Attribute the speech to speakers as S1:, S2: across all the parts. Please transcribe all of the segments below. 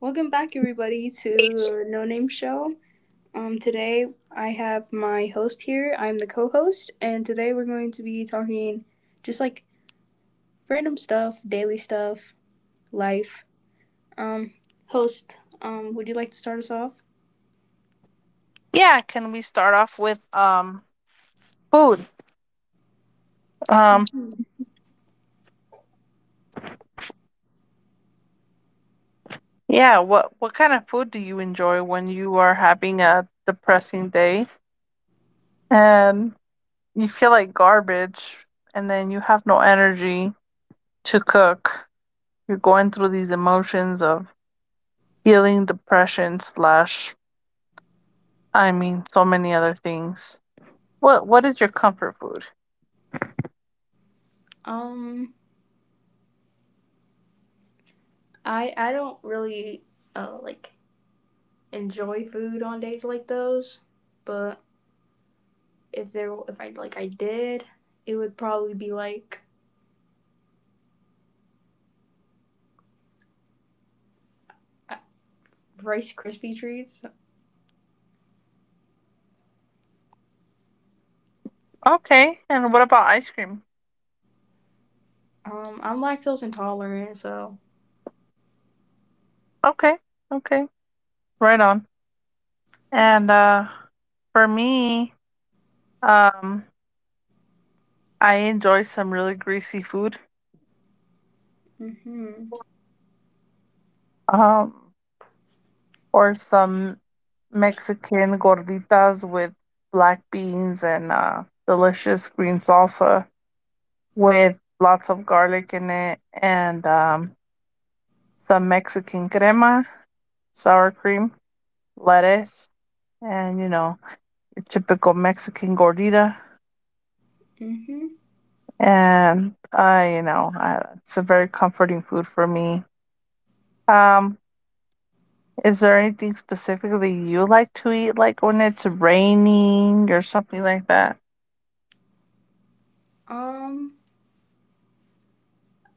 S1: Welcome back, everybody, to
S2: It's
S1: the No Name Show. Today I have my host here. I'm the co-host, and today we're going to be talking just like random stuff, daily stuff, life. Um, Host, would you like to start us off?
S2: Yeah, can we start off with food? Um
S1: Mm-hmm.
S2: yeah, what kind of food do you enjoy when you are having a depressing day? And you feel like garbage, and then you have no energy to cook. You're going through these emotions of healing depression slash I mean so many other things. What is your comfort food?
S1: Um, I don't really like enjoy food on days like those, but if I I did, it would probably be like uh, Rice Krispie treats.
S2: Okay, and what about ice cream?
S1: I'm lactose intolerant, so
S2: Okay. Okay. Right on. And for me, um, I enjoy some really greasy food,
S1: mhm.
S2: um, or some Mexican gorditas with black beans and delicious green salsa with lots of garlic in it, and some Mexican crema, sour cream, lettuce, and you know, your typical Mexican gordita.
S1: Mhm.
S2: And I, it's a very comforting food for me. Um, Is there anything specifically you like to eat, like when it's raining or something like that?
S1: Um,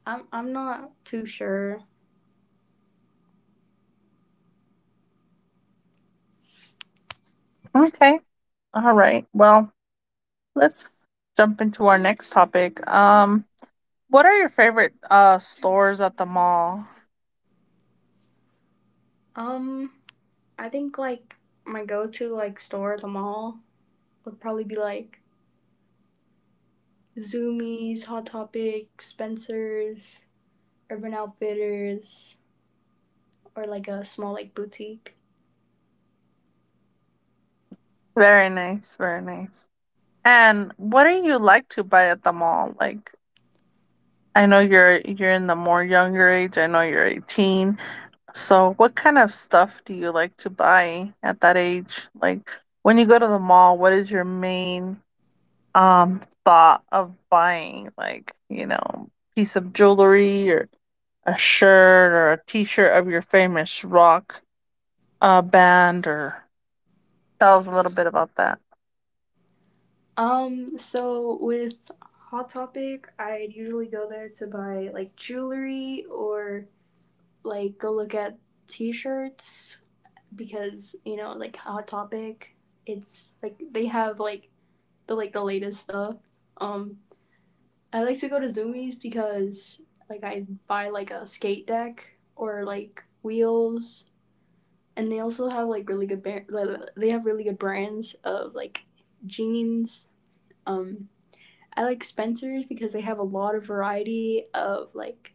S1: I'm not too sure.
S2: Okay. All right. Well, let's jump into our next topic. What are your favorite stores at the mall?
S1: Um, I think my go-to store at the mall would probably be like Zoomies, Hot Topic, Spencer's, Urban Outfitters, or like a small like boutique.
S2: Very nice, very nice. And what do you like to buy at the mall? Like, I know you're in the more younger age. I know you're 18. So, what kind of stuff do you like to buy at that age? Like when you go to the mall, what is your main thought of buying, like you know, piece of jewelry or a shirt or a t-shirt of your famous rock band, or tell us a little bit about that.
S1: So with Hot Topic, I'd usually go there to buy like jewelry or like go look at t-shirts because you know like Hot Topic, it's like they have the latest stuff. Um, I like to go to Zoomies because like I buy like a skate deck or like wheels, and they also have like really they have really good brands of like jeans. Um, I like Spencer's because they have a lot of variety of like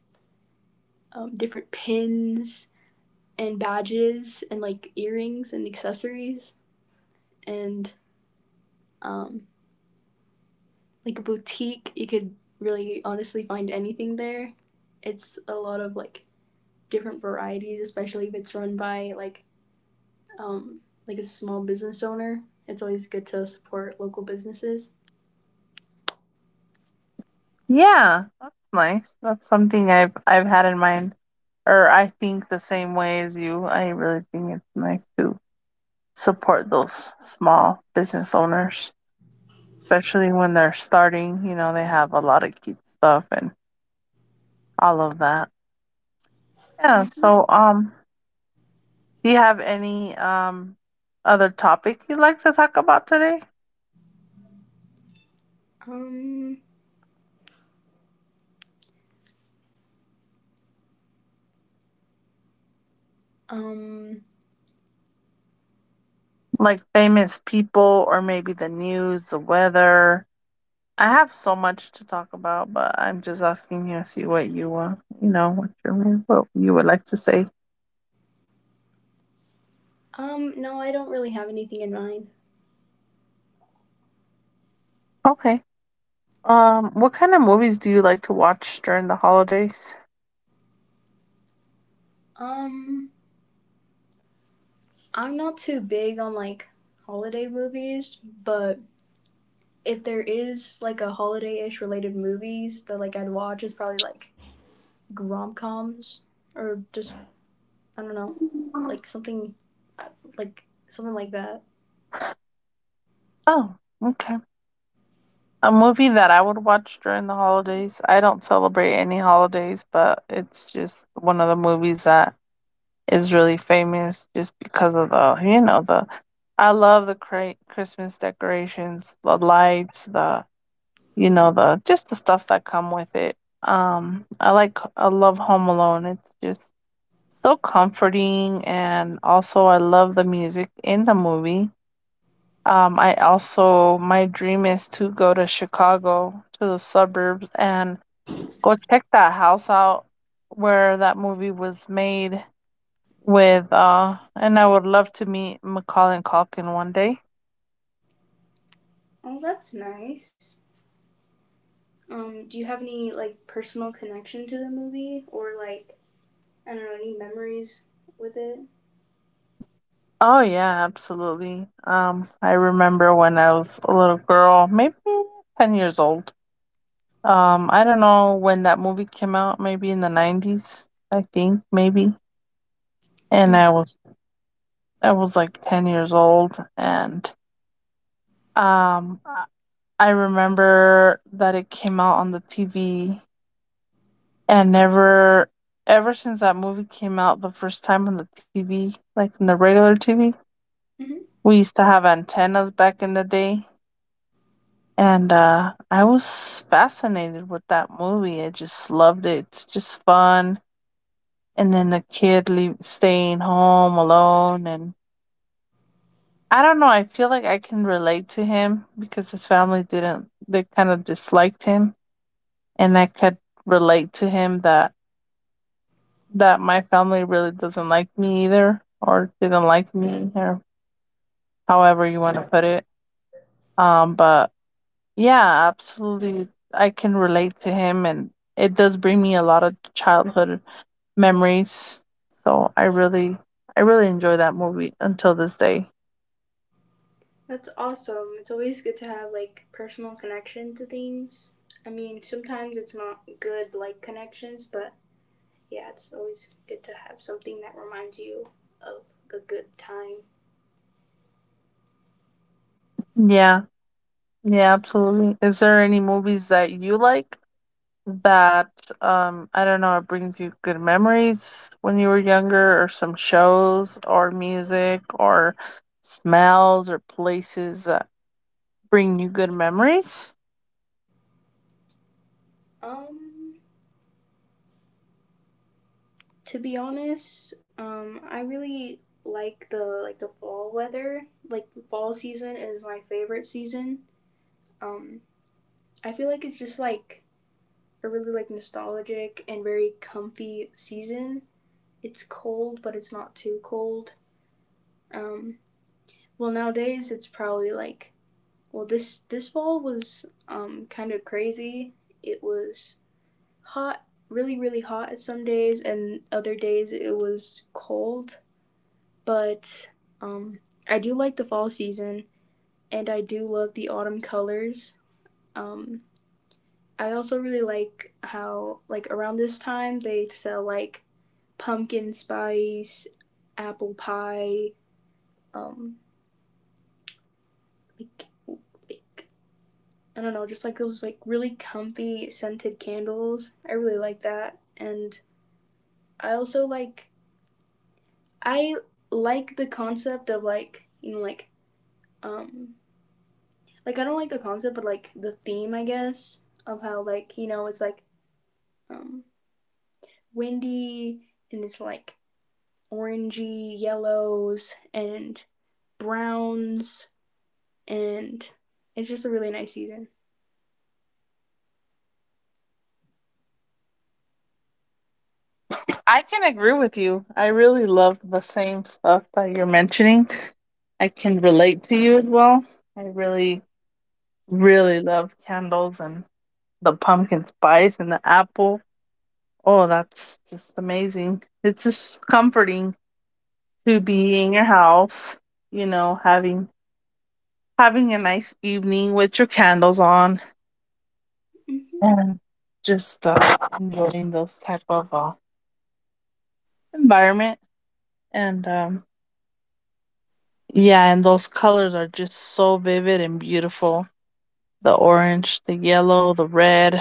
S1: different pins and badges and like earrings and accessories and um, like a boutique. You could really honestly find anything there. It's a lot of like different varieties, especially if it's run by um like a small business owner. It's always good to support local businesses.
S2: Yeah, that's nice. That's something I've had in mind, or I think the same way as you. I really think it's nice to support those small business owners, especially when they're starting. You know, they have a lot of cute stuff and all of that. Yeah, so do you have any other topic you'd like to talk about today?
S1: Um um
S2: Like famous people or maybe the news, the weather. I have so much to talk about, but I'm just asking you to see what you you know, what you would like to say.
S1: no, I don't really have anything in mind.
S2: Okay. What kind of movies do you like to watch during the holidays?
S1: Um I'm not too big on like holiday movies, but if there is like a holiday-ish related movies that like I'd watch is probably like rom-coms or just I don't know, like something, uh, like something like that.
S2: Oh, okay. A movie that I would watch during the holidays. I don't celebrate any holidays, but it's just one of the movies that is really famous just because of the you know the I love the Christmas decorations, the lights, the you know the just the stuff that come with it. I love Home Alone. It's just so comforting, and also I love the music in the movie. I also, my dream is to go to Chicago, to the suburbs, and go check that house out where that movie was made with and I would love to meet Macaulay Culkin one day.
S1: Oh, that's nice. Do you have any like personal connection to the movie or like I don't know any memories with it?
S2: Oh yeah, absolutely. I remember when I was a little girl, maybe 10 years old. I don't know when that movie came out, maybe in the 90s, I think, maybe. And
S1: Mm.
S2: I was like 10 years old, and um I I remember that it came out on the TV, and never ever since that movie came out the first time on the TV, like in the regular TV.
S1: Hmm.
S2: We used to have antennas back in the day, and I was fascinated with that movie. I just loved it. It's just fun. And then the kid leave, staying home alone, and I don't know. I feel like I can relate to him because his family didn't. They kind of disliked him, and I could relate to him that that my family really doesn't like me either, or didn't like me, or however you want to put it. But Yeah, absolutely. I can relate to him, and it does bring me a lot of childhood memories. So I really enjoy that movie until this day.
S1: That's awesome. It's always good to have like personal connection to things. I mean, sometimes it's not good like connections, but yeah, it's always good to have something that reminds you of a good time.
S2: Yeah, yeah, absolutely. Is there any movies that you like that I don't know, it brings you good memories when you were younger, or some shows, or music, or smells, or places that bring you good memories?
S1: Um, To be honest, I really like the fall weather. Like the fall season is my favorite season. Um, I feel like it's just like a really like nostalgic and very comfy season. It's cold, but it's not too cold. Um, well, nowadays it's probably like well this fall was kind of crazy. It was hot, really hot some days, and other days it was cold but um, I do like the fall season and I do love the autumn colors. Um, I also really like how like around this time they sell like pumpkin spice, apple pie, um, like, like I don't know, just like those like really comfy scented candles. I really like that, and I also I like the concept of like you know um like I don't like the concept, but like the theme, I guess, of how like you know it's like um, windy and it's like orangey yellows and browns, and it's just a really nice season.
S2: I can agree with you. I really love the same stuff that you're mentioning. I can relate to you as well. I really, really love candles and the pumpkin spice and the apple. Oh, that's just amazing. It's just comforting to be in your house, you know, having a nice evening with your candles on,
S1: Mm-hmm.
S2: and just enjoying those type of environment. And yeah, and those colors are just so vivid and beautiful. The orange, the yellow, the red,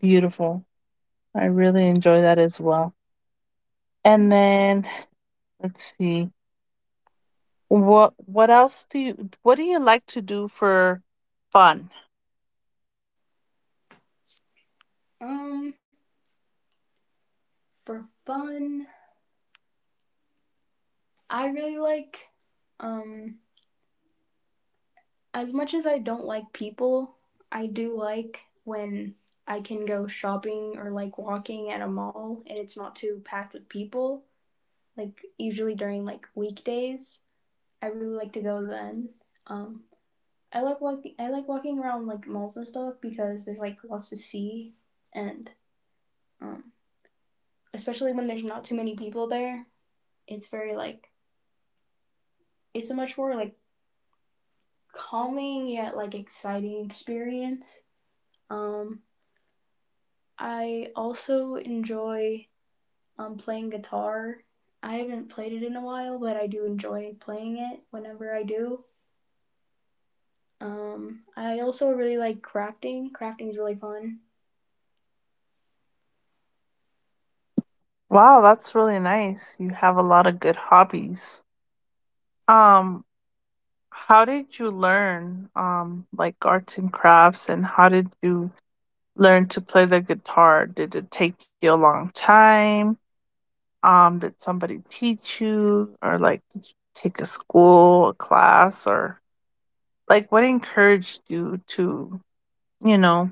S2: beautiful. I really enjoy that as well. And then let's see. What else do you what do you like to do for fun?
S1: Um, for fun, I really like um as much as I don't like people, I do like when I can go shopping or like walking at a mall and it's not too packed with people like usually during like weekdays. I really like to go then. Um, I like walking. I like walking around like malls and stuff because there's like lots to see, and um, especially when there's not too many people there, it's very like it's a much more like calming yet like exciting experience. Um, I also enjoy playing guitar. I haven't played it in a while, but I do enjoy playing it whenever I do. I also really like crafting. Crafting is really fun.
S2: Wow, that's really nice. You have a lot of good hobbies. Um how did you learn like arts and crafts, and how did you learn to play the guitar? Did it take you a long time? Did somebody teach you, or like did you take a school, a class, or like what encouraged you to, you know,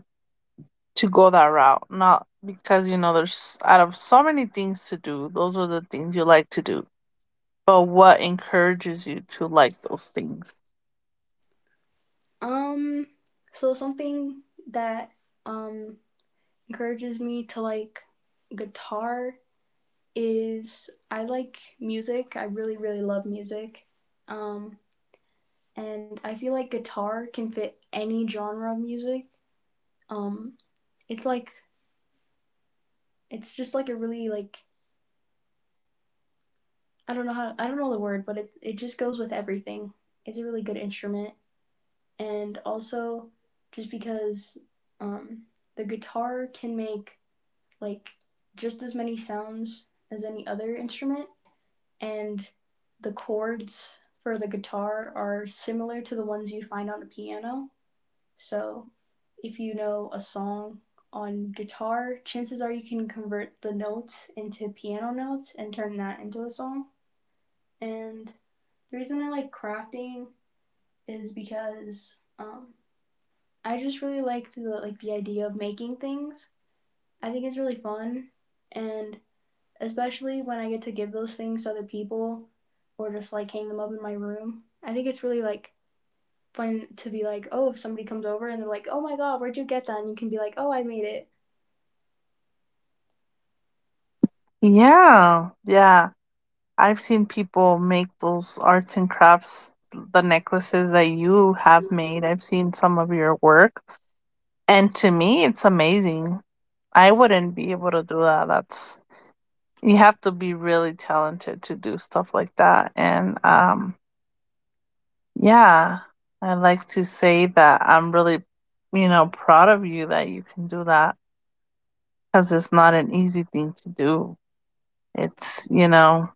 S2: to go that route? Not because you know there's out of so many things to do, those are the things you like to do. But what encourages you to like those things?
S1: Um, so something that um encourages me to like guitar is I like music. I really love music. Um, and I feel like guitar can fit any genre of music. Um, it's like it's just like a really like I don't know how I don't know the word, but it just goes with everything. It's a really good instrument. And also just because um, the guitar can make like just as many sounds as any other instrument, and the chords for the guitar are similar to the ones you find on a piano. So, if you know a song on guitar, chances are you can convert the notes into piano notes and turn that into a song. And the reason I like crafting is because I just really like the idea of making things. I think it's really fun, and especially when I get to give those things to other people or just like hang them up in my room. I think it's really like fun to be like, oh, if somebody comes over and they're like, oh my god, where'd you get that? And you can be like, oh, I made it.
S2: Yeah, yeah. I've seen people make those arts and crafts, the necklaces that you have made. I've seen some of your work. And to me, it's amazing. I wouldn't be able to do that. That's you have to be really talented to do stuff like that. And yeah, I like to say that I'm really, you know, proud of you that you can do that, cuz it's not an easy thing to do. It's, you know,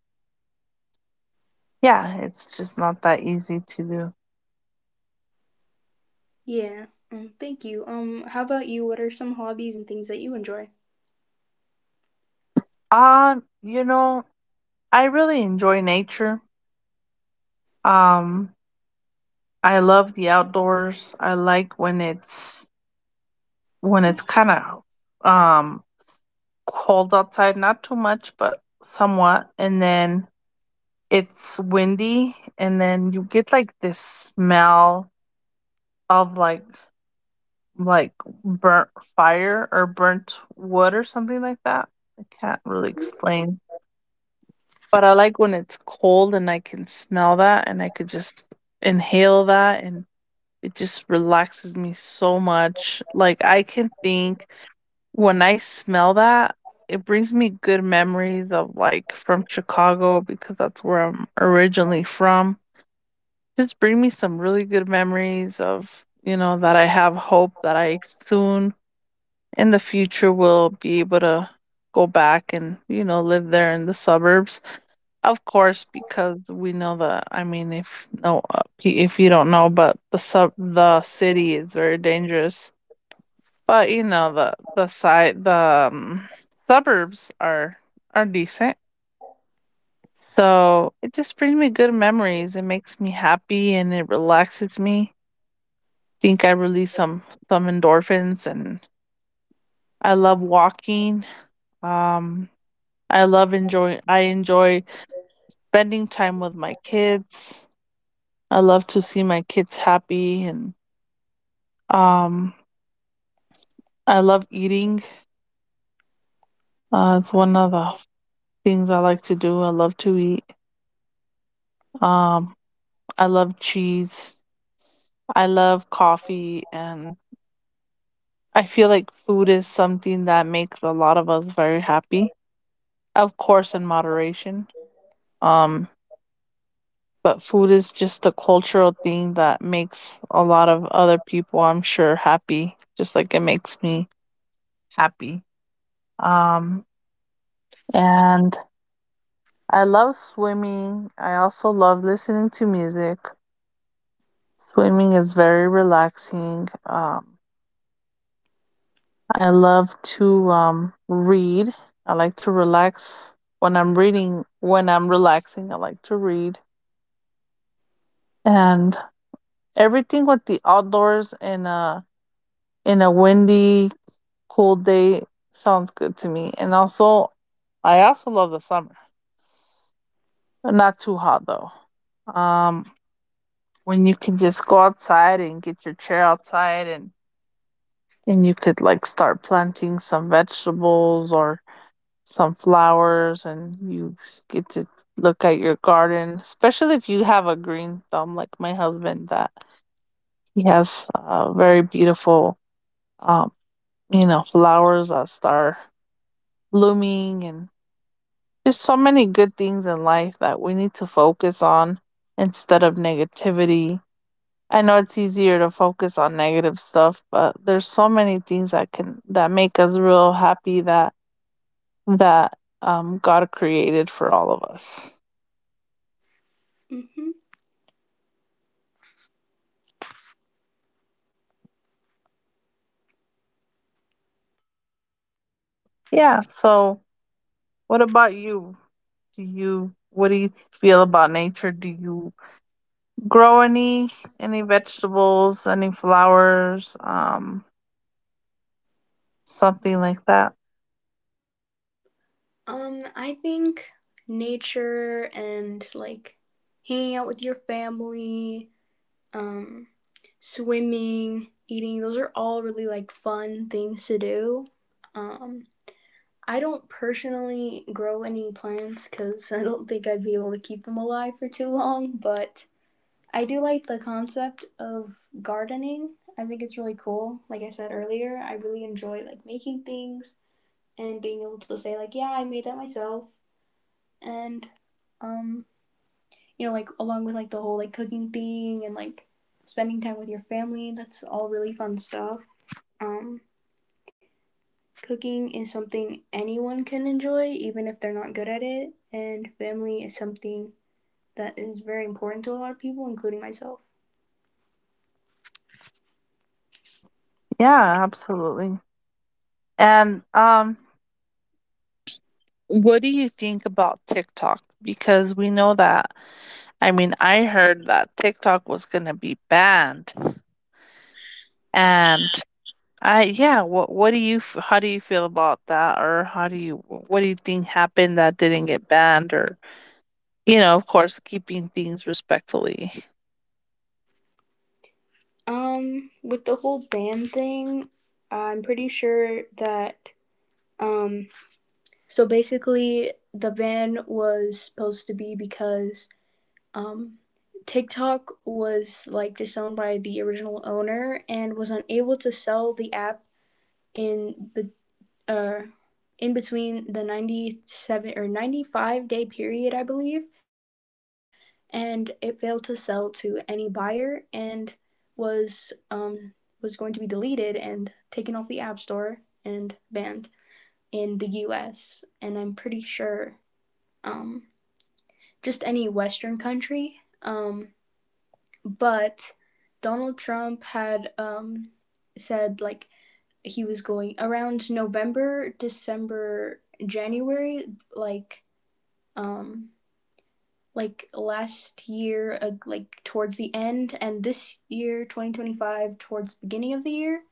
S2: yeah, it's just not that easy to do.
S1: Yeah. Thank you. How about you? What are some hobbies and things that you enjoy?
S2: You know, I really enjoy nature. Um, I love the outdoors. I like when it's kind of um cold outside, not too much, but somewhat. And then it's windy, and then you get like this smell of like burnt fire or burnt wood or something like that. I can't really explain. But I like when it's cold and I can smell that, and I could just inhale that, and it just relaxes me so much. Like I can think when I smell that, it brings me good memories of, like, from Chicago, because that's where I'm originally from. Just bring me some really good memories of, you know, that I have hope that I soon in the future will be able to go back and, you know, live there in the suburbs. Of course, because we know that I mean, if no, if you don't know, but the city is very dangerous. But, you know, suburbs are decent. So, it just brings me good memories, it makes me happy, and it relaxes me. Think I release some endorphins, and I love walking. Um, I enjoy spending time with my kids. I love to see my kids happy, and, um, I love eating. It's one of the things I like to do, I love to eat. Um I love cheese. I love coffee. And I feel like food is something that makes a lot of us very happy. Of course, in moderation. Um, but food is just a cultural thing that makes a lot of other people, I'm sure, happy, just like it makes me happy. Um, and I love swimming. I also love listening to music. Swimming is very relaxing. I love to read. I like to relax when I'm reading. When I'm relaxing, I like to read, and everything with the outdoors in a windy, cold day sounds good to me. And also, I also love the summer. Not too hot though. Um, when you can just go outside and get your chair outside, and you could like start planting some vegetables or some flowers, and you get to look at your garden, especially if you have a green thumb like my husband, that he has very beautiful um you know flowers that start blooming, and there's so many good things in life that we need to focus on instead of negativity. I know it's easier to focus on negative stuff, but there's so many things that can that make us real happy, that God created for all of us.
S1: Mm-hmm.
S2: Yeah. So, what about you? Do you what do you feel about nature? Do you grow any vegetables, any flowers, something like that?
S1: I think nature and like hanging out with your family. Um, Swimming, eating, those are all really like fun things to do. Um, I don't personally grow any plants because I don't think I'd be able to keep them alive for too long, but I do like the concept of gardening. I think it's really cool. Like I said earlier, I really enjoy like making things and being able to say like, yeah, I made that myself and um you know like along with like the whole like cooking thing and like spending time with your family, that's all really fun stuff. Um, Cooking is something anyone can enjoy, even if they're not good at it, and family is something that is very important to a lot of people, including myself.
S2: Yeah, absolutely. And what do you think about TikTok? Because we know that I mean, I heard that TikTok was going to be banned. And I yeah, what do you f- how do you feel about that or how do you what do you think happened that didn't get banned, or you know, of course, keeping things respectfully.
S1: With the whole band thing, I'm pretty sure that um, so basically the ban was supposed to be because um, TikTok was like disowned by the original owner and was unable to sell the app in uh, in between the 97 or 95-day period, I believe, and it failed to sell to any buyer and was um, was going to be deleted and taken off the App Store and banned in the US and I'm pretty sure um, just any Western country. Um, but Donald Trump had said like he was going around November, December, January, like um like last year like towards the end and this year 2025 towards the beginning of the year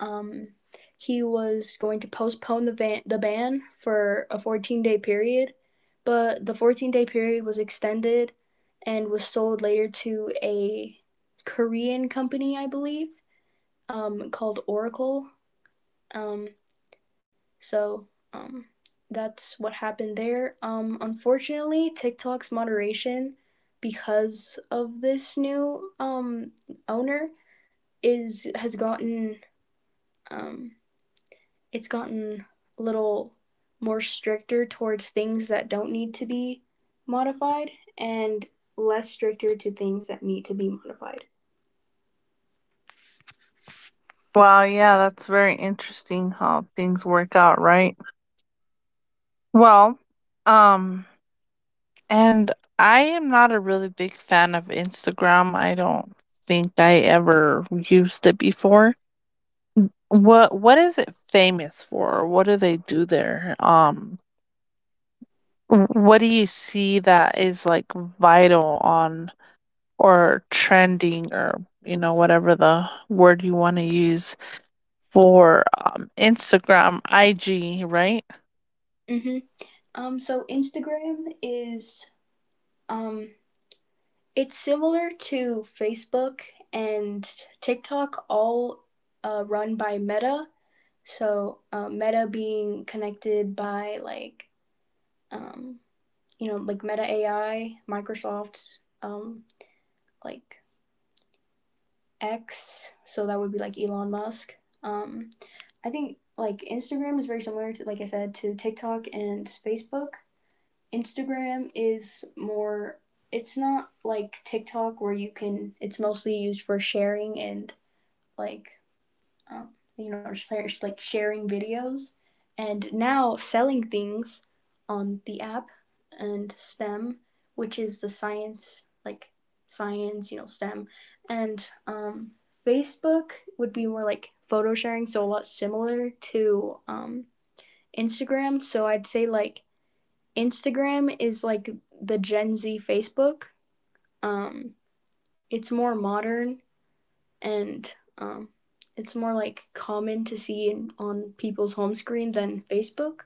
S1: um he was going to postpone the ban for a 14-day period but the 14-day period was extended and was sold later to a Korean company I believe called Oracle. um So, um, that's what happened there. Unfortunately, TikTok's moderation, because of this new owner, is has gotten um it's gotten a little more stricter towards things that don't need to be modified and less stricter to things that need to be modified.
S2: Wow, yeah, that's very interesting how things work out, right? Well, um, and I am not a really big fan of Instagram. I don't think I ever used it before. What is it famous for? What do they do there? What do you see that is like vital on or trending, or you know, whatever the word you want to use for Instagram, IG, right?
S1: Mm-hmm. So Instagram is um it's similar to Facebook and TikTok, all run by Meta. So Meta being connected by um, you know like Meta AI, Microsoft, um, like X. So that would be like Elon Musk. Um, I think like Instagram is very similar to like I said to TikTok and Facebook. Instagram is more It's not like TikTok where you can it's mostly used for sharing and like um, you know just like sharing videos and now selling things on the app and STEM, which is the science you know STEM, and Facebook would be more like photo sharing, so a lot similar to Instagram. So I'd say like Instagram is like the Gen Z Facebook. Um, it's more modern and um, it's more like common to see on people's home screen than Facebook.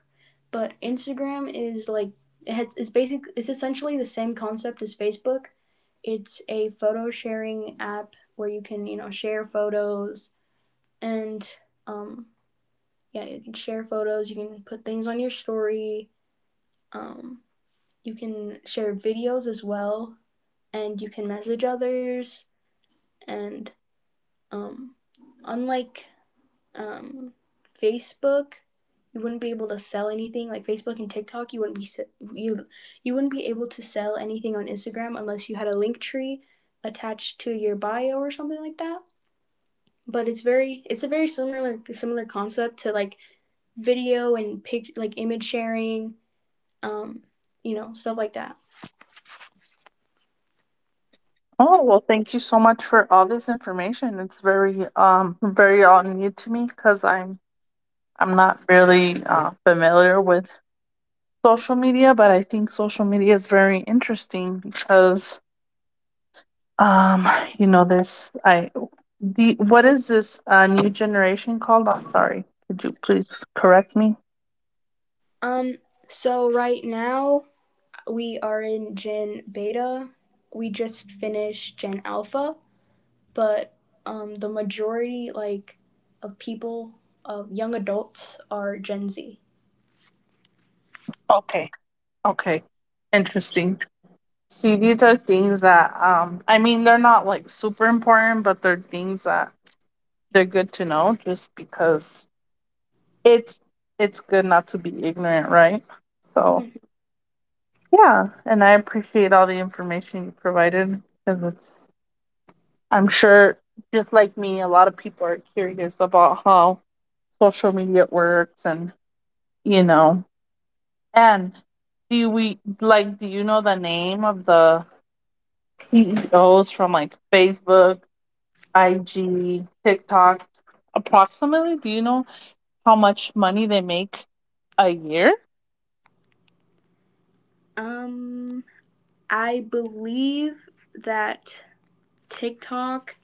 S1: But Instagram is it's basic. It's essentially the same concept as Facebook. It's a photo sharing app where you can you know share photos and um, yeah, you can share photos. You can put things on your story. Um, you can share videos as well, and you can message others. And um, unlike um, Facebook, you wouldn't be able to sell anything like Facebook and TikTok. You you wouldn't be able to sell anything on Instagram unless you had a link tree attached to your bio or something like that. But it's a very similar concept to like video and pic like image sharing, um, you know stuff like that.
S2: Oh, well, thank you so much for all this information. It's very very all new to me because I'm not really familiar with social media, but I think social media is very interesting because Um, you know this. I the what is this new generation called? I'm sorry. Could you please correct me?
S1: Um, so right now we are in Gen Beta. We just finished Gen Alpha. But the majority like of people, of young adults, are Gen Z.
S2: Okay. Okay. Interesting. See, these are things that I mean they're not like super important, but they're things that they're good to know just because it's it's good not to be ignorant, right? So
S1: Mhm.
S2: yeah, and I appreciate all the information you provided because it's I'm sure just like me, a lot of people are curious about how social media works and you know, and do we like, do you know the name of the CEOs from like Facebook, IG, TikTok. Approximately, do you know how much money they make a year?
S1: Um, I believe that TikTok,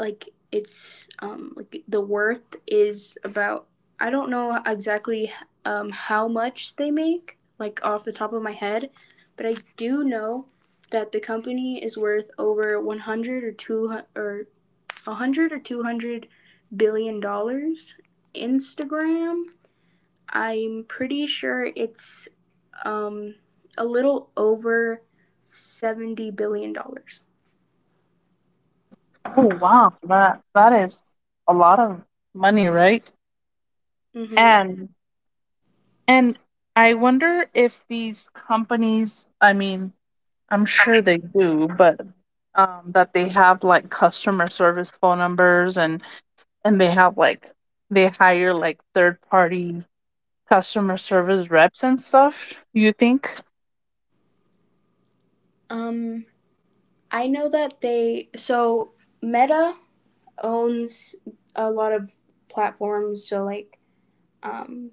S1: like it's like the worth is about. I don't know exactly, how much they make, like off the top of my head, but I do know that the company is worth over 100 or two or 100 or $200 billion. Instagram, I'm pretty sure it's um a little over $70 billion.
S2: Oh wow, that is a lot of money, right?
S1: Mm-hmm.
S2: And and I wonder if these companies, I mean, I'm sure they do, but that they have like customer service phone numbers, and they have like they hire like third party customer service reps and stuff. You think.
S1: Um I know that they, so Meta owns a lot of platforms, um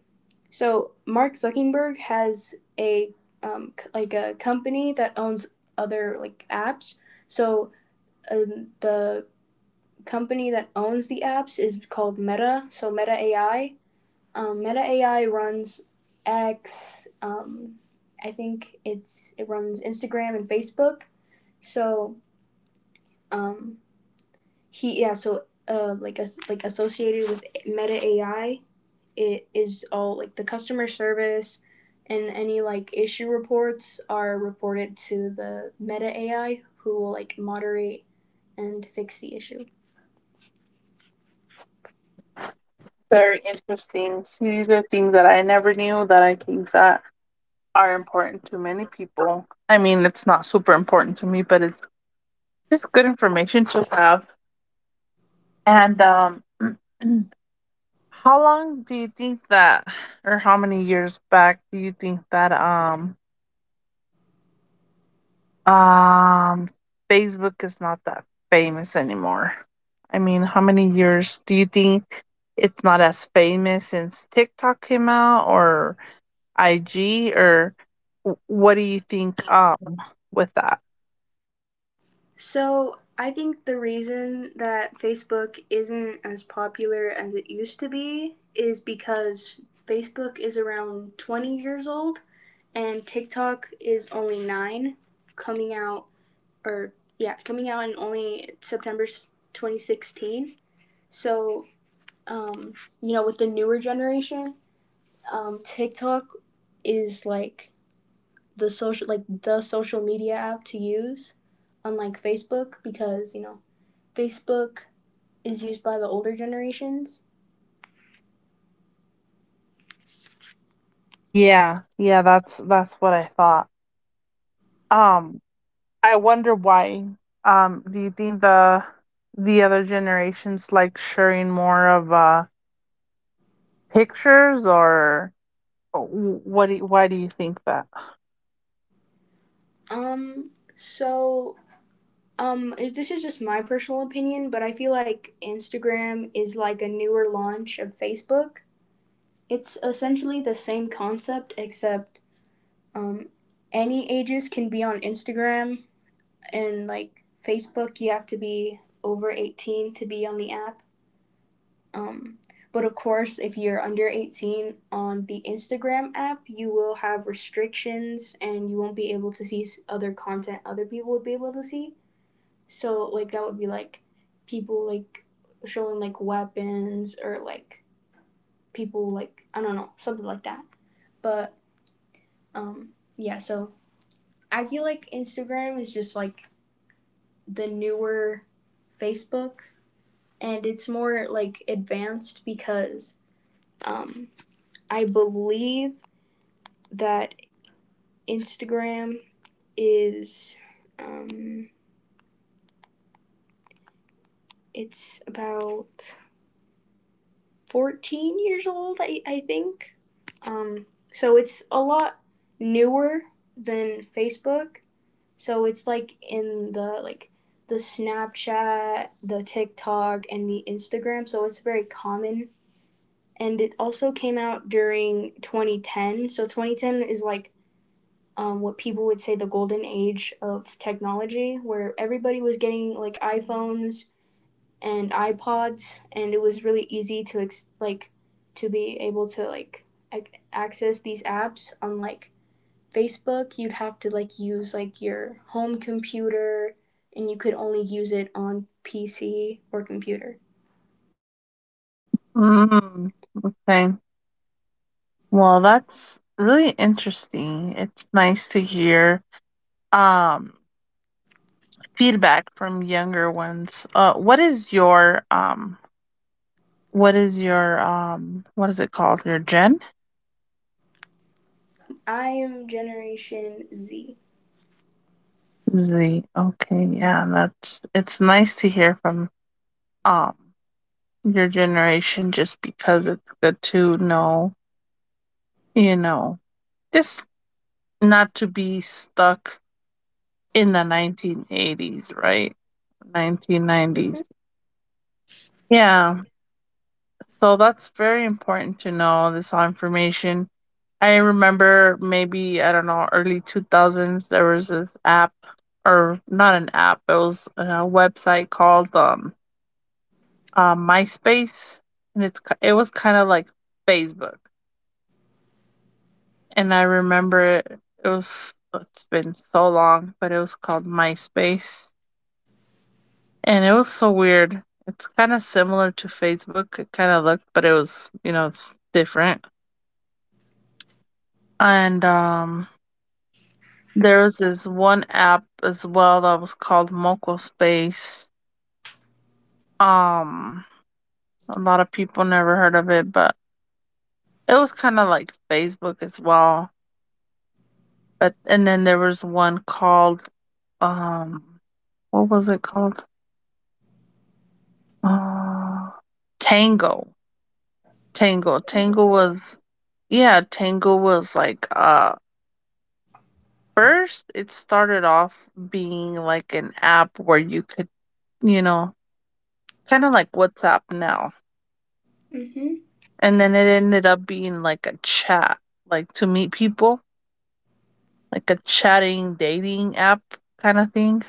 S1: so Mark Zuckerberg has a c- like a company that owns other like apps. So the company that owns the apps is called Meta. So Meta AI. Meta AI runs X. I think it runs Instagram and Facebook. So um, he yeah. So like associated with Meta AI, it is all like the customer service, and any like issue reports are reported to the Meta AI, who will like moderate and fix the issue.
S2: Very interesting. See, these are things that I never knew that I think that are important to many people. I mean, it's not super important to me, but it's good information to have. And how long do you think that, or how many years back do you think that um Facebook is not that famous anymore? I mean, how many years do you think it's not as famous since TikTok came out, or IG, or what do you think with that?
S1: So I think the reason that Facebook isn't as popular as it used to be is because Facebook is around 20 years old and TikTok is only 9, coming out, or yeah, coming out in only September 2016. So, um, you know, with the newer generation, TikTok is like the social, like the social media app to use unlike Facebook because, you know, Facebook is used by the older generations.
S2: Yeah, yeah, that's what I thought. Um I wonder why. Um, do you think the other generations like sharing more of pictures, or what do you, why do you think that?
S1: Um, so this is just my personal opinion, but I feel like Instagram is like a newer launch of Facebook. It's essentially the same concept, except um, any ages can be on Instagram, and like Facebook, you have to be over 18 to be on the app. Um, but of course, if you're under 18 on the Instagram app, you will have restrictions and you won't be able to see other content other people would be able to see. So, like, that would be like people like showing like weapons, or like people like, I don't know, something like that. But, um, yeah, so I feel like Instagram is just like the newer Facebook, and it's more like advanced because, um, I believe that Instagram is, um, it's about 14 years old, I think. Um, so it's a lot newer than Facebook. So it's like in the, like the Snapchat, the TikTok, and the Instagram. So it's very common. And it also came out during 2010. So 2010 is like, what people would say the golden age of technology, where everybody was getting like iPhones and iPods, and it was really easy to to be able to like access these apps on, like, Facebook. You'd have to like use like your home computer, and you could only use it on PC or computer.
S2: Mm, okay. Well, that's really interesting. It's nice to hear um feedback from younger ones. What is your what is it called? Your gen?
S1: I am Generation Z.
S2: Z. Okay, yeah, that's it's nice to hear from um your generation just because it's good to know, you know, just not to be stuck in the 1980s, right?
S1: Mhm.
S2: 1990s. Yeah. So that's very important to know this information. I remember maybe, I don't know, early 2000s, there was this app, or not an app, it was a website called MySpace. And it was kind of like Facebook. And I remember it, it was, it's been so long, but it was called MySpace. And it was so weird. It's kind of similar to Facebook, it kind of looked, but it was, you know, it's different. And there was this one app as well that was called Moco Space. Um, a lot of people never heard of it, but it was kind of like Facebook as well. But and then there was one called um, what was it called? Uh, Tango. Tango. Tango was yeah, Tango was like first it started off being like an app where you could, you know, kind of like WhatsApp now,
S1: Mhm.
S2: and then it ended up being like a chat, like to meet people, like a chatting dating app kind of thing,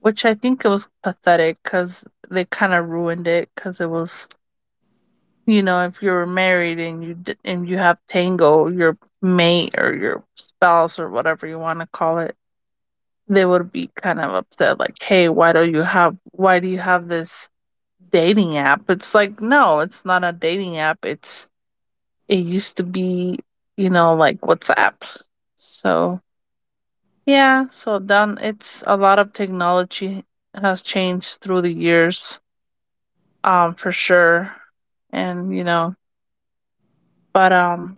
S2: which I think it was pathetic because they kind of ruined it because it was, you know, if you were married and you have Tango, your mate or your spouse or whatever you want to call it, they would be kind of upset, like, hey, why do you have this dating app? It's like no, it's not a dating app. It's it used to be, you know, like WhatsApp. So, yeah, so done. It's a lot of technology has changed through the years, for sure. And, you know, but, um,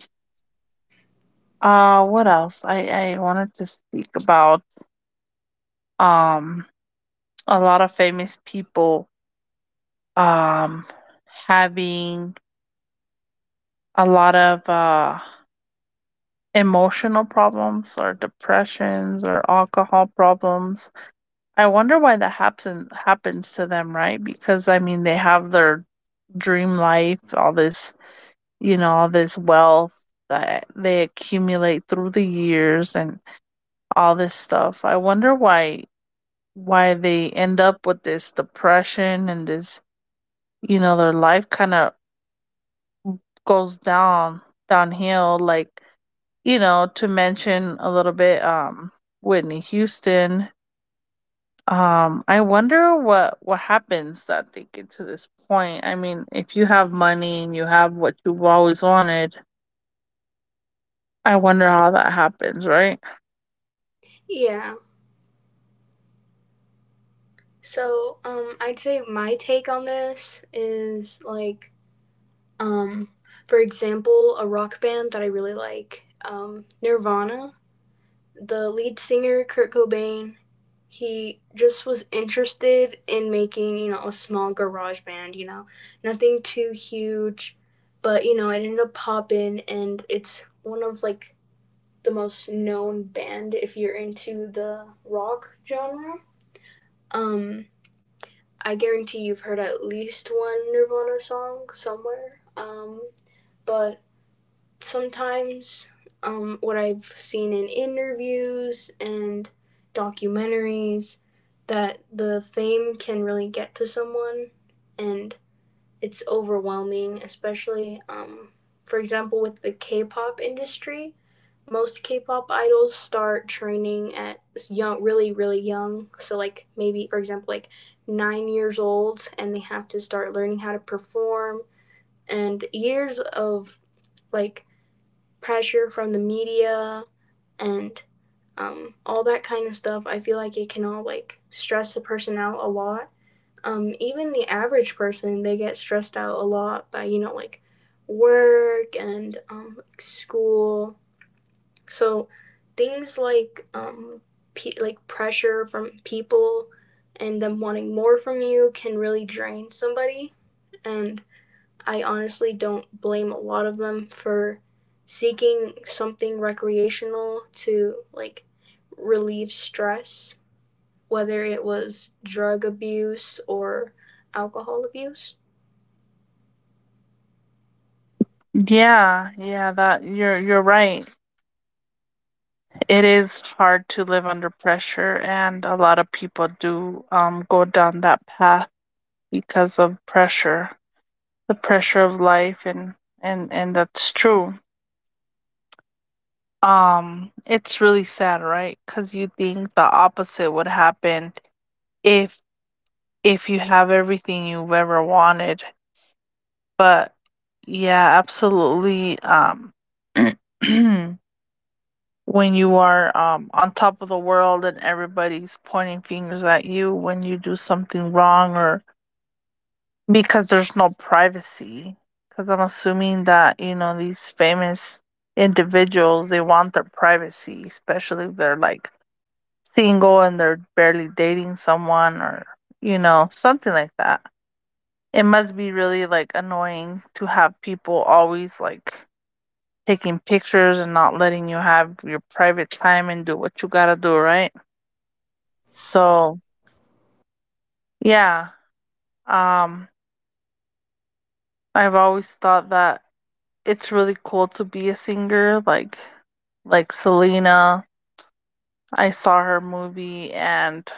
S2: uh, what else? I wanted to speak about, um, a lot of famous people, um, having a lot of, emotional problems or depressions or alcohol problems. I wonder why that happens happens to them, right? Because I mean, they have their dream life, all this, you know, all this wealth that they accumulate through the years and all this stuff. I wonder why they end up with this depression and this, you know, their life kind of goes downhill, like, you know, to mention a little bit, Whitney Houston. I wonder what happens that they get to this point. I mean, if you have money and you have what you've always wanted, I wonder how that happens, right?
S1: Yeah. So, I'd say my take on this is like, um, for example, a rock band that I really like, Nirvana. The lead singer, Kurt Cobain, he just was interested in making, you know, a small garage band, you know, nothing too huge, but, you know, it ended up popping and it's one of like the most known band if you're into the rock genre. Um, I guarantee you've heard at least one Nirvana song somewhere. But sometimes, what I've seen in interviews and documentaries, that the fame can really get to someone and it's overwhelming, especially, for example with the K-pop industry. Most K-pop idols start training at young, really, really young. So like maybe for example like 9 years old, and they have to start learning how to perform. And years of like pressure from the media and, all that kind of stuff. I feel like it can all like stress a person out a lot, even the average person, they get stressed out a lot by, you know, like work and, school. So things like, like pressure from people and them wanting more from you can really drain somebody. And I honestly don't blame a lot of them for seeking something recreational to like relieve stress, whether it was drug abuse or alcohol abuse.
S2: Yeah, yeah, that you're right. It is hard to live under pressure, and a lot of people do go down that path because of pressure, the pressure of life, and and that's true. Um, it's really sad, right? Cuz you think the opposite would happen if if you have everything you've ever wanted. But yeah, absolutely. When you are on top of the world and everybody's pointing fingers at you when you do something wrong, or because there's no privacy. Because I'm assuming that, you know, these famous individuals, they want their privacy, especially if they're like single and they're barely dating someone, or, you know, something like that. It must be really, like, annoying to have people always, like, taking pictures and not letting you have your private time and do what you gotta do, right? So, yeah, um, I've always thought that it's really cool to be a singer, like Selena. I saw her movie, and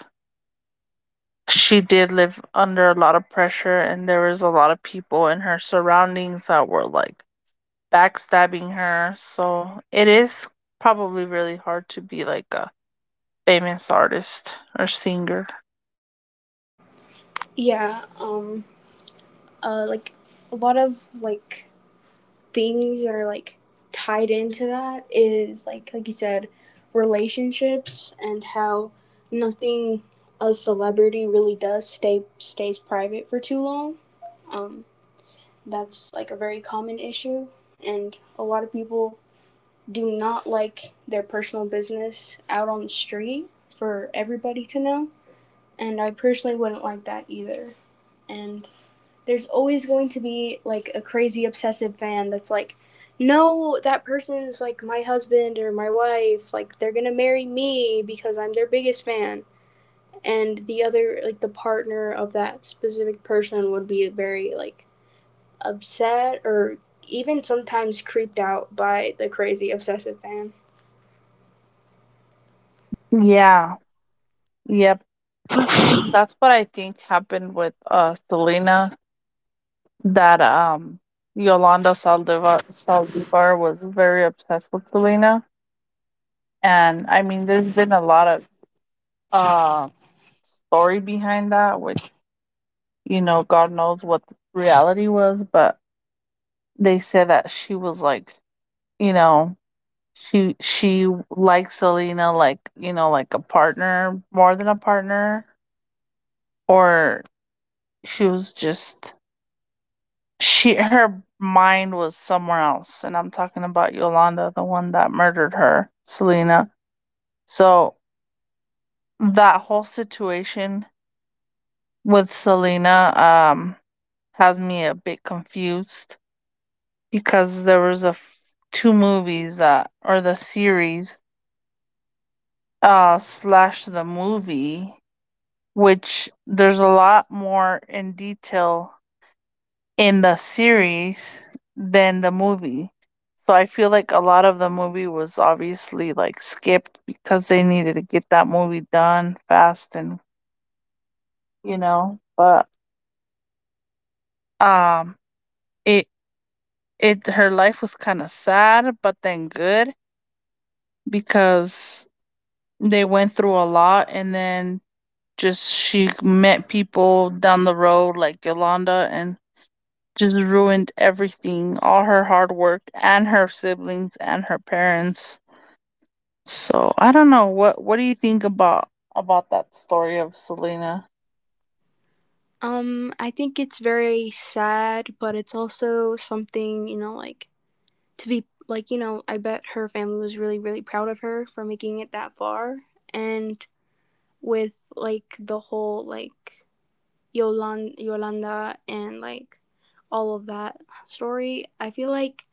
S2: she did live under a lot of pressure, and there was a lot of people in her surroundings that were, like, backstabbing her. So it is probably really hard to be like a famous artist or singer.
S1: Yeah, like a lot of like things that are like tied into that is like you said, relationships and how nothing a celebrity really does stays private for too long. Um, that's like a very common issue, and a lot of people do not like their personal business out on the street for everybody to know. And I personally wouldn't like that either. And there's always going to be like a crazy obsessive fan that's like, no, that person's like my husband or my wife. Like they're gonna marry me because I'm their biggest fan. And the other, like the partner of that specific person, would be very like upset or even sometimes creeped out by the crazy obsessive fan.
S2: Yeah. Yep. That's what I think happened with Selena, that Yolanda Saldivar was very obsessed with Selena. And I mean there's been a lot of uh story behind that, which you know, God knows what the reality was, but they said that she was like, you know, she likes Selena like, you know, like a partner, more than a partner, or she was just she her mind was somewhere else, and I'm talking about Yolanda, the one that murdered her, Selena. So that whole situation with Selena um has me a bit confused because there was a two movies that, or the series slash the movie, which there's a lot more in detail in the series than the movie. So I feel like a lot of the movie was obviously like skipped because they needed to get that movie done fast, and you know, but um it it her life was kind of sad but then good because they went through a lot, and then just she met people down the road like Yolanda and just ruined everything, all her hard work and her siblings and her parents. So I don't know, what do you think about that story of Selena?
S1: I think it's very sad, but it's also something, you know, like to be like, you know, I bet her family was really, really proud of her for making it that far. And with like the whole like Yolanda and like all of that story, I feel like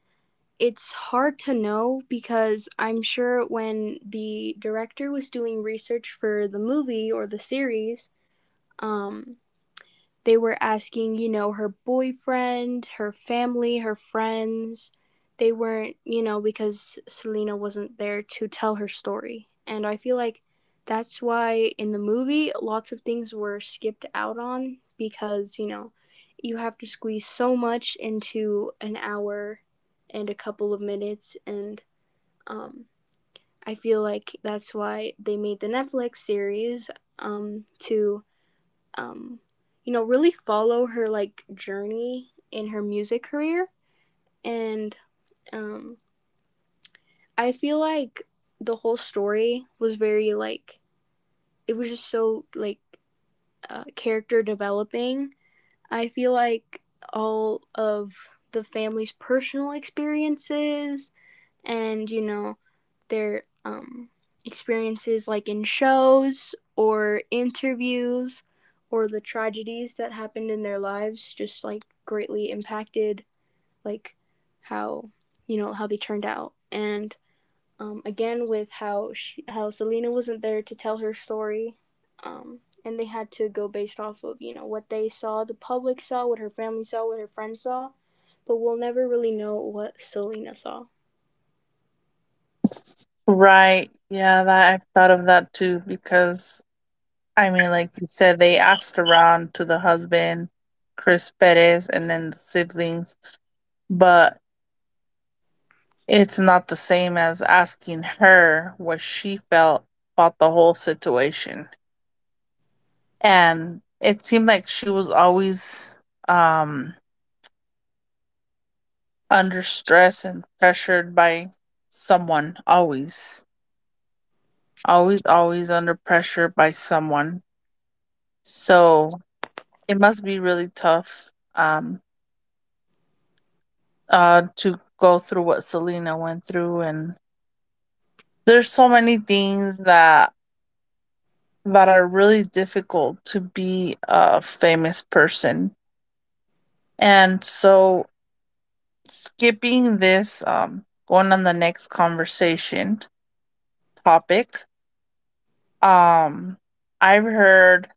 S1: it's hard to know, because I'm sure when the director was doing research for the movie or the series, um they were asking, you know, her boyfriend, her family, her friends. They weren't, you know, because Selena wasn't there to tell her story. And I feel like that's why in the movie, lots of things were skipped out on because, you know, you have to squeeze so much into an hour and a couple of minutes. And, um, I feel like that's why they made the Netflix series, to um, you know, really follow her like journey in her music career. And, um, I feel like the whole story was very like, it was just so like, character developing. I feel like all of the family's personal experiences and, you know, their, experiences like in shows or interviews, or the tragedies that happened in their lives, just like greatly impacted like how, you know, how they turned out. And, again with how Selena wasn't there to tell her story, um, and they had to go based off of, you know, what they saw, the public saw, what her family saw, what her friends saw, but we'll never really know what Selena saw.
S2: Right. Yeah, that I've thought of that too because I mean, like you said, they asked around to the husband, Chris Perez, and then the siblings, but it's not the same as asking her what she felt about the whole situation. And it seemed like she was always um under stress and pressured by someone, always under pressure by someone. So it must be really tough, um to go through what Selena went through. And there's so many things that are really difficult to be a famous person. And so skipping this, going on the next conversation topic. Um, I've heard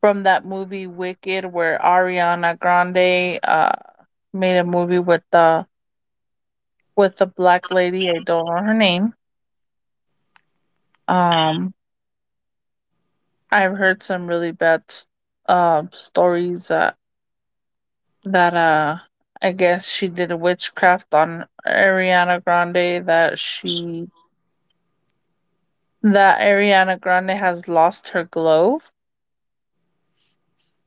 S2: from that movie Wicked, where Ariana Grande made a movie with the black lady. I don't know her name. Um, I've heard some really bad stories that that uh I guess she did witchcraft on Ariana Grande. That Ariana Grande has lost her glow.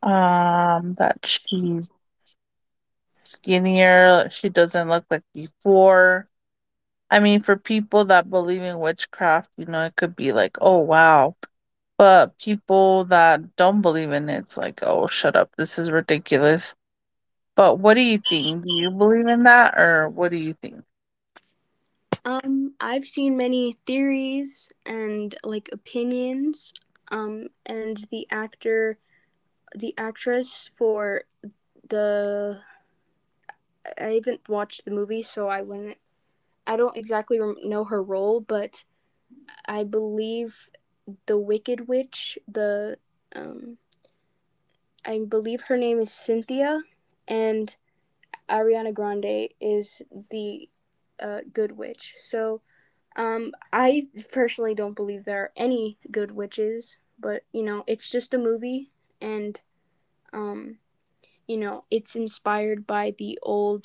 S2: That she's skinnier. She doesn't look like before. I mean, for people that believe in witchcraft, you know, it could be like, oh, wow. But people that don't believe in it, it's like, oh, shut up. This is ridiculous. But what do you think? Do you believe in that, or what do you think?
S1: I've seen many theories and like opinions. And the actress for the, I haven't watched the movie, so I wouldn't. I don't exactly know her role, but I believe the Wicked Witch, The um, I believe her name is Cynthia, and Ariana Grande is the, Good Witch. So, I personally don't believe there are any good witches, but you know, it's just a movie, and, um, you know, it's inspired by the old,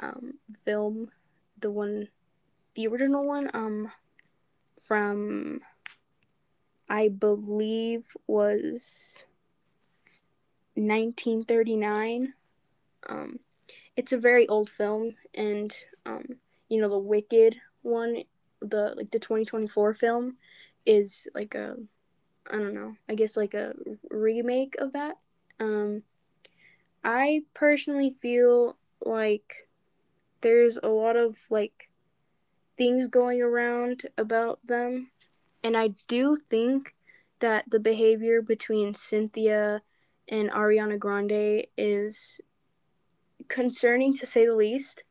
S1: um, film, the one, the original one, from, I believe, was 1939. Um, it's a very old film, and, um, you know, the Wicked one, the, like the 2024 film, is like a, I don't know, I guess like a remake of that. Um, I personally feel like there's a lot of like things going around about them, and I do think that the behavior between Cynthia and Ariana Grande is concerning, to say the least.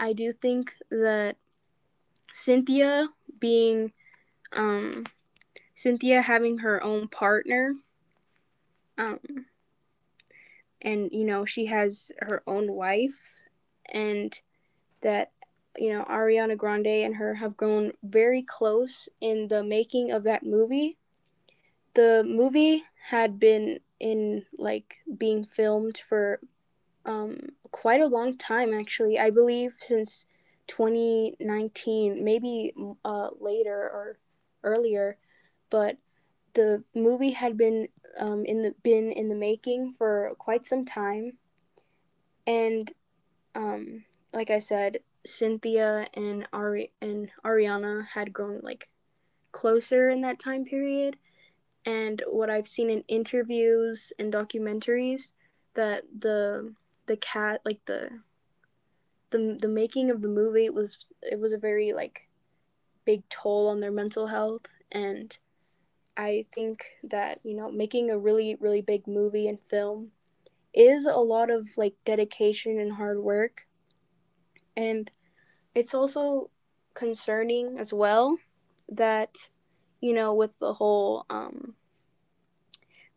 S1: I do think that Cynthia being um Cynthia having her own partner, um and you know she has her own wife, and that, you know, Ariana Grande and her have grown very close in the making of that movie. The movie had been in like being filmed for um quite a long time, actually. I believe since 2019, maybe later or earlier, but the movie had been, in the been in the making for quite some time. And, um, like I said, Cynthia and Ariana had grown like closer in that time period. And what I've seen in interviews and documentaries, that the cat like the making of the movie was, it was a very like big toll on their mental health. And I think that, you know, making a really, really big movie and film is a lot of like dedication and hard work. And it's also concerning as well that, you know, with the whole,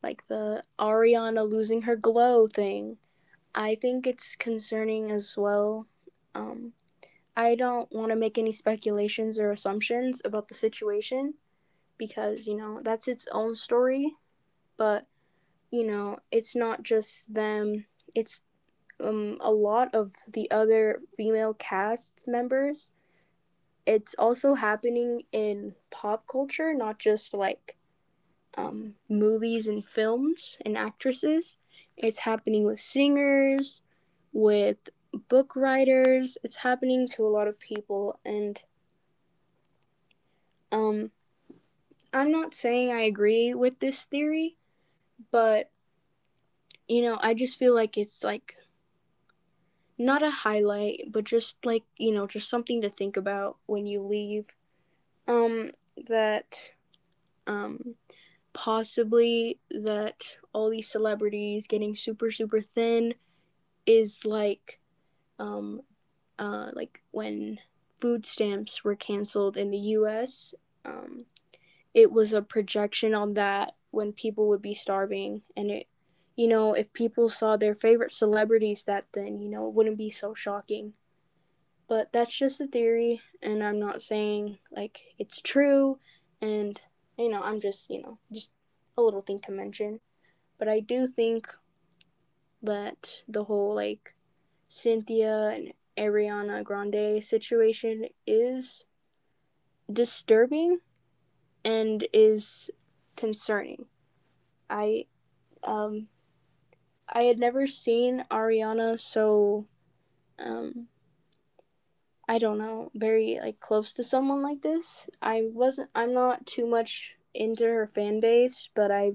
S1: like the Ariana losing her glow thing, I think it's concerning as well. Um I don't want to make any speculations or assumptions about the situation because, you know, that's its own story, but you know, it's not just them, it's, a lot of the other female cast members. It's also happening in pop culture, not just like, movies and films and actresses. It's happening with singers, with book writers. It's happening to a lot of people. And, um, I'm not saying I agree with this theory, but you know, I just feel like it's like not a highlight, but just like, you know, just something to think about when you leave. Um, that um, possibly that all these celebrities getting super super thin is um like when food stamps were canceled in the US. um it was a projection on that when people would be starving. And it you know if people saw their favorite celebrities that thin, you know, it wouldn't be so shocking. But that's just a theory, and I'm not saying like it's true. And you know I'm just you know just a little thing to mention. But I do think that the whole like Cynthia and Ariana Grande situation is disturbing and is concerning. I um I had never seen Ariana so, um I don't know, very like close to someone like this. I'm not too much into her fan base, but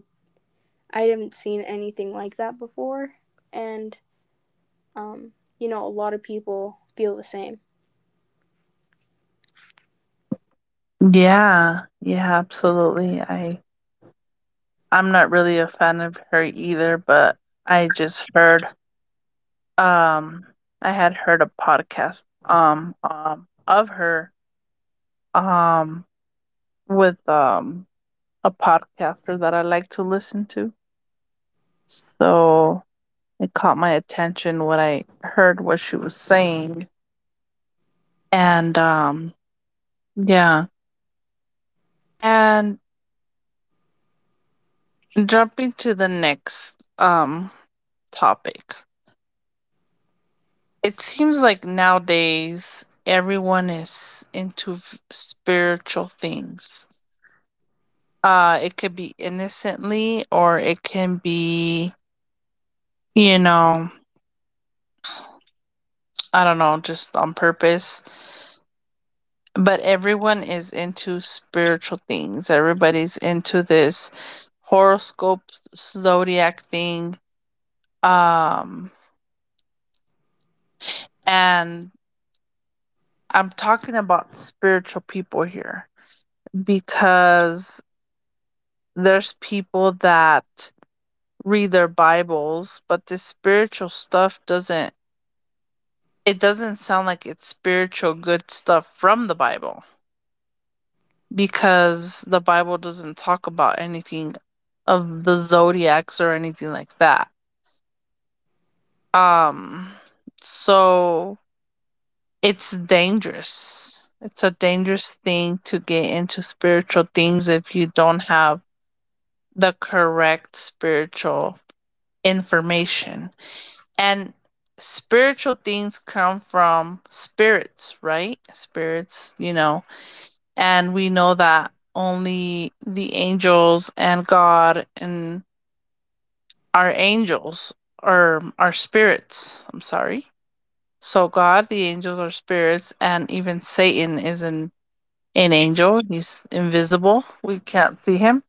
S1: I haven't seen anything like that before. And um you know, a lot of people feel the same.
S2: Yeah, yeah, absolutely. I'm not really a fan of her either, but I just heard um I had heard a podcast of her um with a podcaster that I like to listen to. So it caught my attention when I heard what she was saying. And um, yeah. And jumping to the next topic. It seems like nowadays everyone is into spiritual things. Uh, it could be innocently, or it can be, you know, I don't know, just on purpose, but everyone is into spiritual things. Everybody's into this horoscope zodiac thing. Um, and I'm talking about spiritual people here because there's people that read their Bibles, but this spiritual stuff doesn't it doesn't sound like it's spiritual good stuff from the Bible because the Bible doesn't talk about anything of the zodiacs or anything like that. Um, so it's dangerous. It's a dangerous thing to get into spiritual things if you don't have the correct spiritual information. And spiritual things come from spirits, right? Spirits, you know. And we know that only the angels and God and are angels, or are spirits. I'm sorry. So God, the angels are spirits, and even Satan is an angel. He's invisible. We can't see him.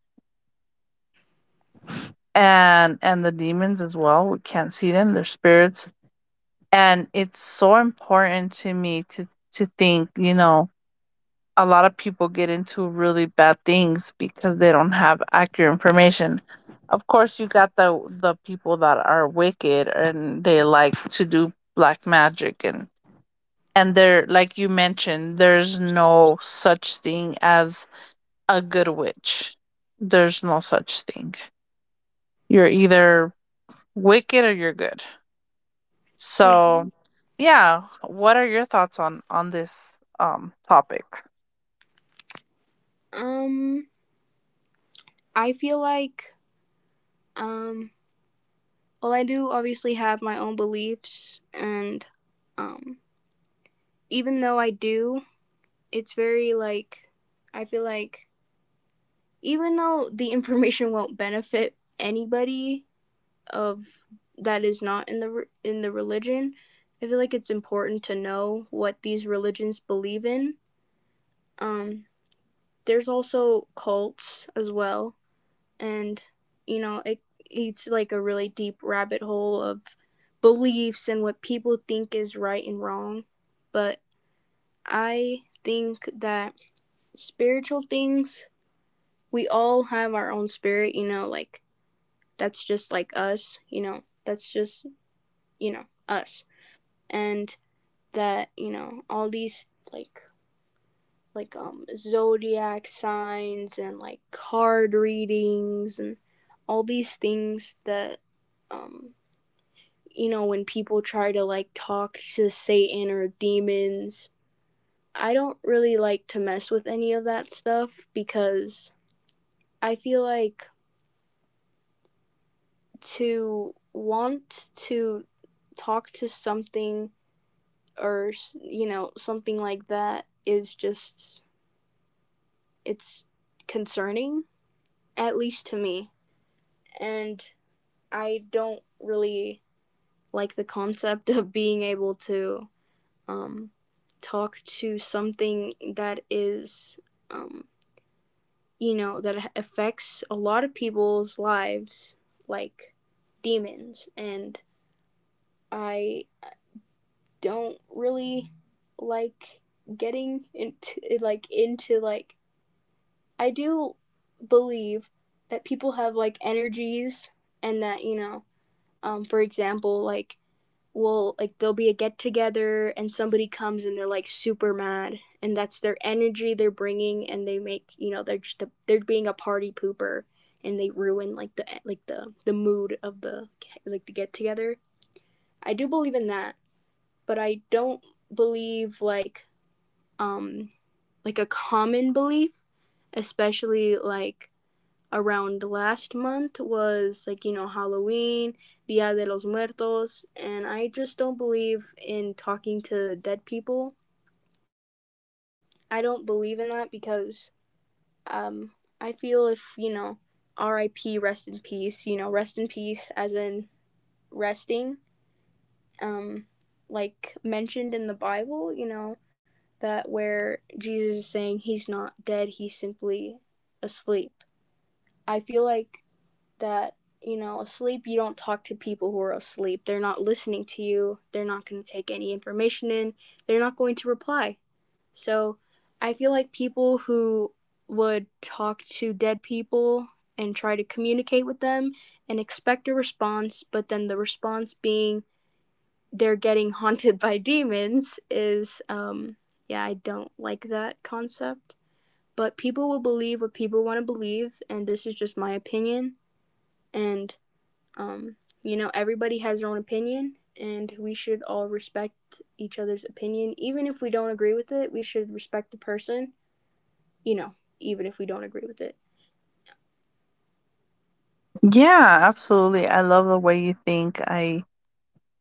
S2: And the demons as well. We can't see them. They're spirits. And it's so important to me to think, you know, a lot of people get into really bad things because they don't have accurate information. Of course, you got the people that are wicked, and they like to do black magic, and they're like you mentioned, there's no such thing as a good witch. There's no such thing. You're either wicked, or you're good.
S1: Mm-hmm.
S2: So, yeah, what are your thoughts on this topic?
S1: Um, I feel like, um, well, I do obviously have my own beliefs, and um, even though I do, it's very like, I feel like even though the information won't benefit anybody of that is not in the in the religion, I feel like it's important to know what these religions believe in. Um, there's also cults as well. And you know it it's like a really deep rabbit hole of beliefs and what people think is right and wrong. But I think that spiritual things, we all have our own spirit, you know, like that's just like us, you know, that's just, you know, us. And that, you know, all these like, zodiac signs and like card readings and all these things that, um you know, when people try to like talk to Satan or demons. I don't really like to mess with any of that stuff because I feel like to want to talk to something or, you know, something like that is just, it's concerning, at least to me. And I don't really like the concept of being able to, um, talk to something that is, um, you know, that affects a lot of people's lives, like demons. And I don't really like getting into like I do believe that people have like energies, and that, you know, for example, like will like there'll be a get together and somebody comes and they're like super mad, and that's their energy they're bringing, and they make, you know, they're just a, they're being a party pooper, and they ruin like the mood of the get together. I do believe in that, but I don't believe like, um like a common belief, especially like around last month was like, you know, Halloween, Dia de los Muertos, and I just don't believe in talking to dead people. I don't believe in that because, um I feel if you know, R.I.P., rest in peace, you know, rest in peace as in resting, um like mentioned in the Bible, you know, that where Jesus is saying he's not dead, he's simply asleep. I feel like that, you know, asleep, you don't talk to people who are asleep. They're not listening to you, they're not going to take any information in, they're not going to reply. So I feel like people who would talk to dead people and try to communicate with them and expect a response, but then the response being they're getting haunted by demons is. Yeah, I don't like that concept, but people will believe what people want to believe, and this is just my opinion. And um, you know, everybody has their own opinion, and we should all respect each other's opinion. Even if we don't agree with it, we should respect the person, you know, even if we don't agree with it.
S2: Yeah, absolutely. I love the way you think. I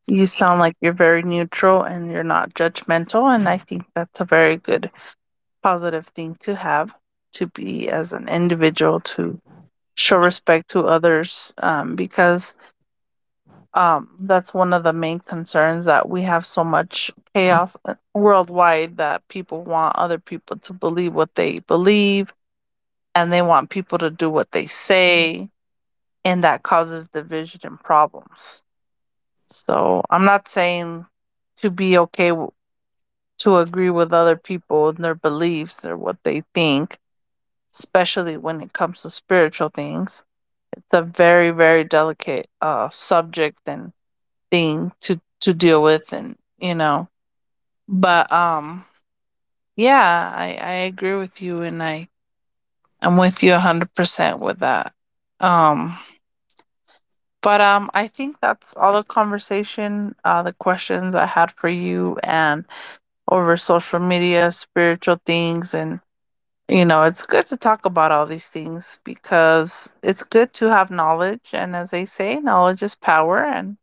S2: You sound like you're very neutral, and you're not judgmental, and I think that's a very good positive thing to have, to be as an individual, to show respect to others, because that's one of the main concerns that we have so much chaos, worldwide, that people want other people to believe what they believe, and they want people to do what they say, and that causes division and problems. So I'm not saying to be okay to agree with other people and their beliefs or what they think, especially when it comes to spiritual things. It's a very, very delicate subject and thing to deal with, and you know. But yeah, I agree with you, and I'm with you 100% with that. Um, but I think that's all the conversation, the questions I had for you, and over social media, spiritual things, and you know, it's good to talk about all these things because it's good to have knowledge. And as they say, knowledge is power. And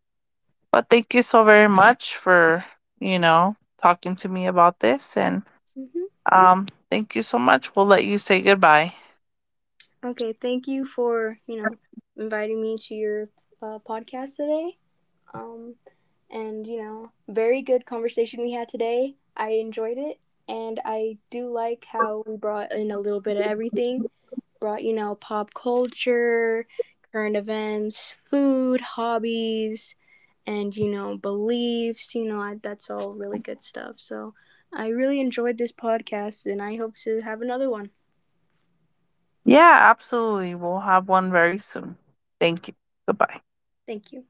S2: But thank you so very much for, you know, talking to me about this. And
S1: Hmm.
S2: thank you so much. We'll let you say goodbye.
S1: Okay, thank you for, you know, inviting me to your podcast today. Um, And, you know, very good conversation we had today. I enjoyed it. And I do like how we brought in a little bit of everything. Brought, you know, pop culture, current events, food, hobbies, and, you know, beliefs. You know, I, that's all really good stuff. So I really enjoyed this podcast, and I hope to have another one.
S2: Yeah, absolutely. We'll have one very soon. Thank you. Goodbye.
S1: Thank you.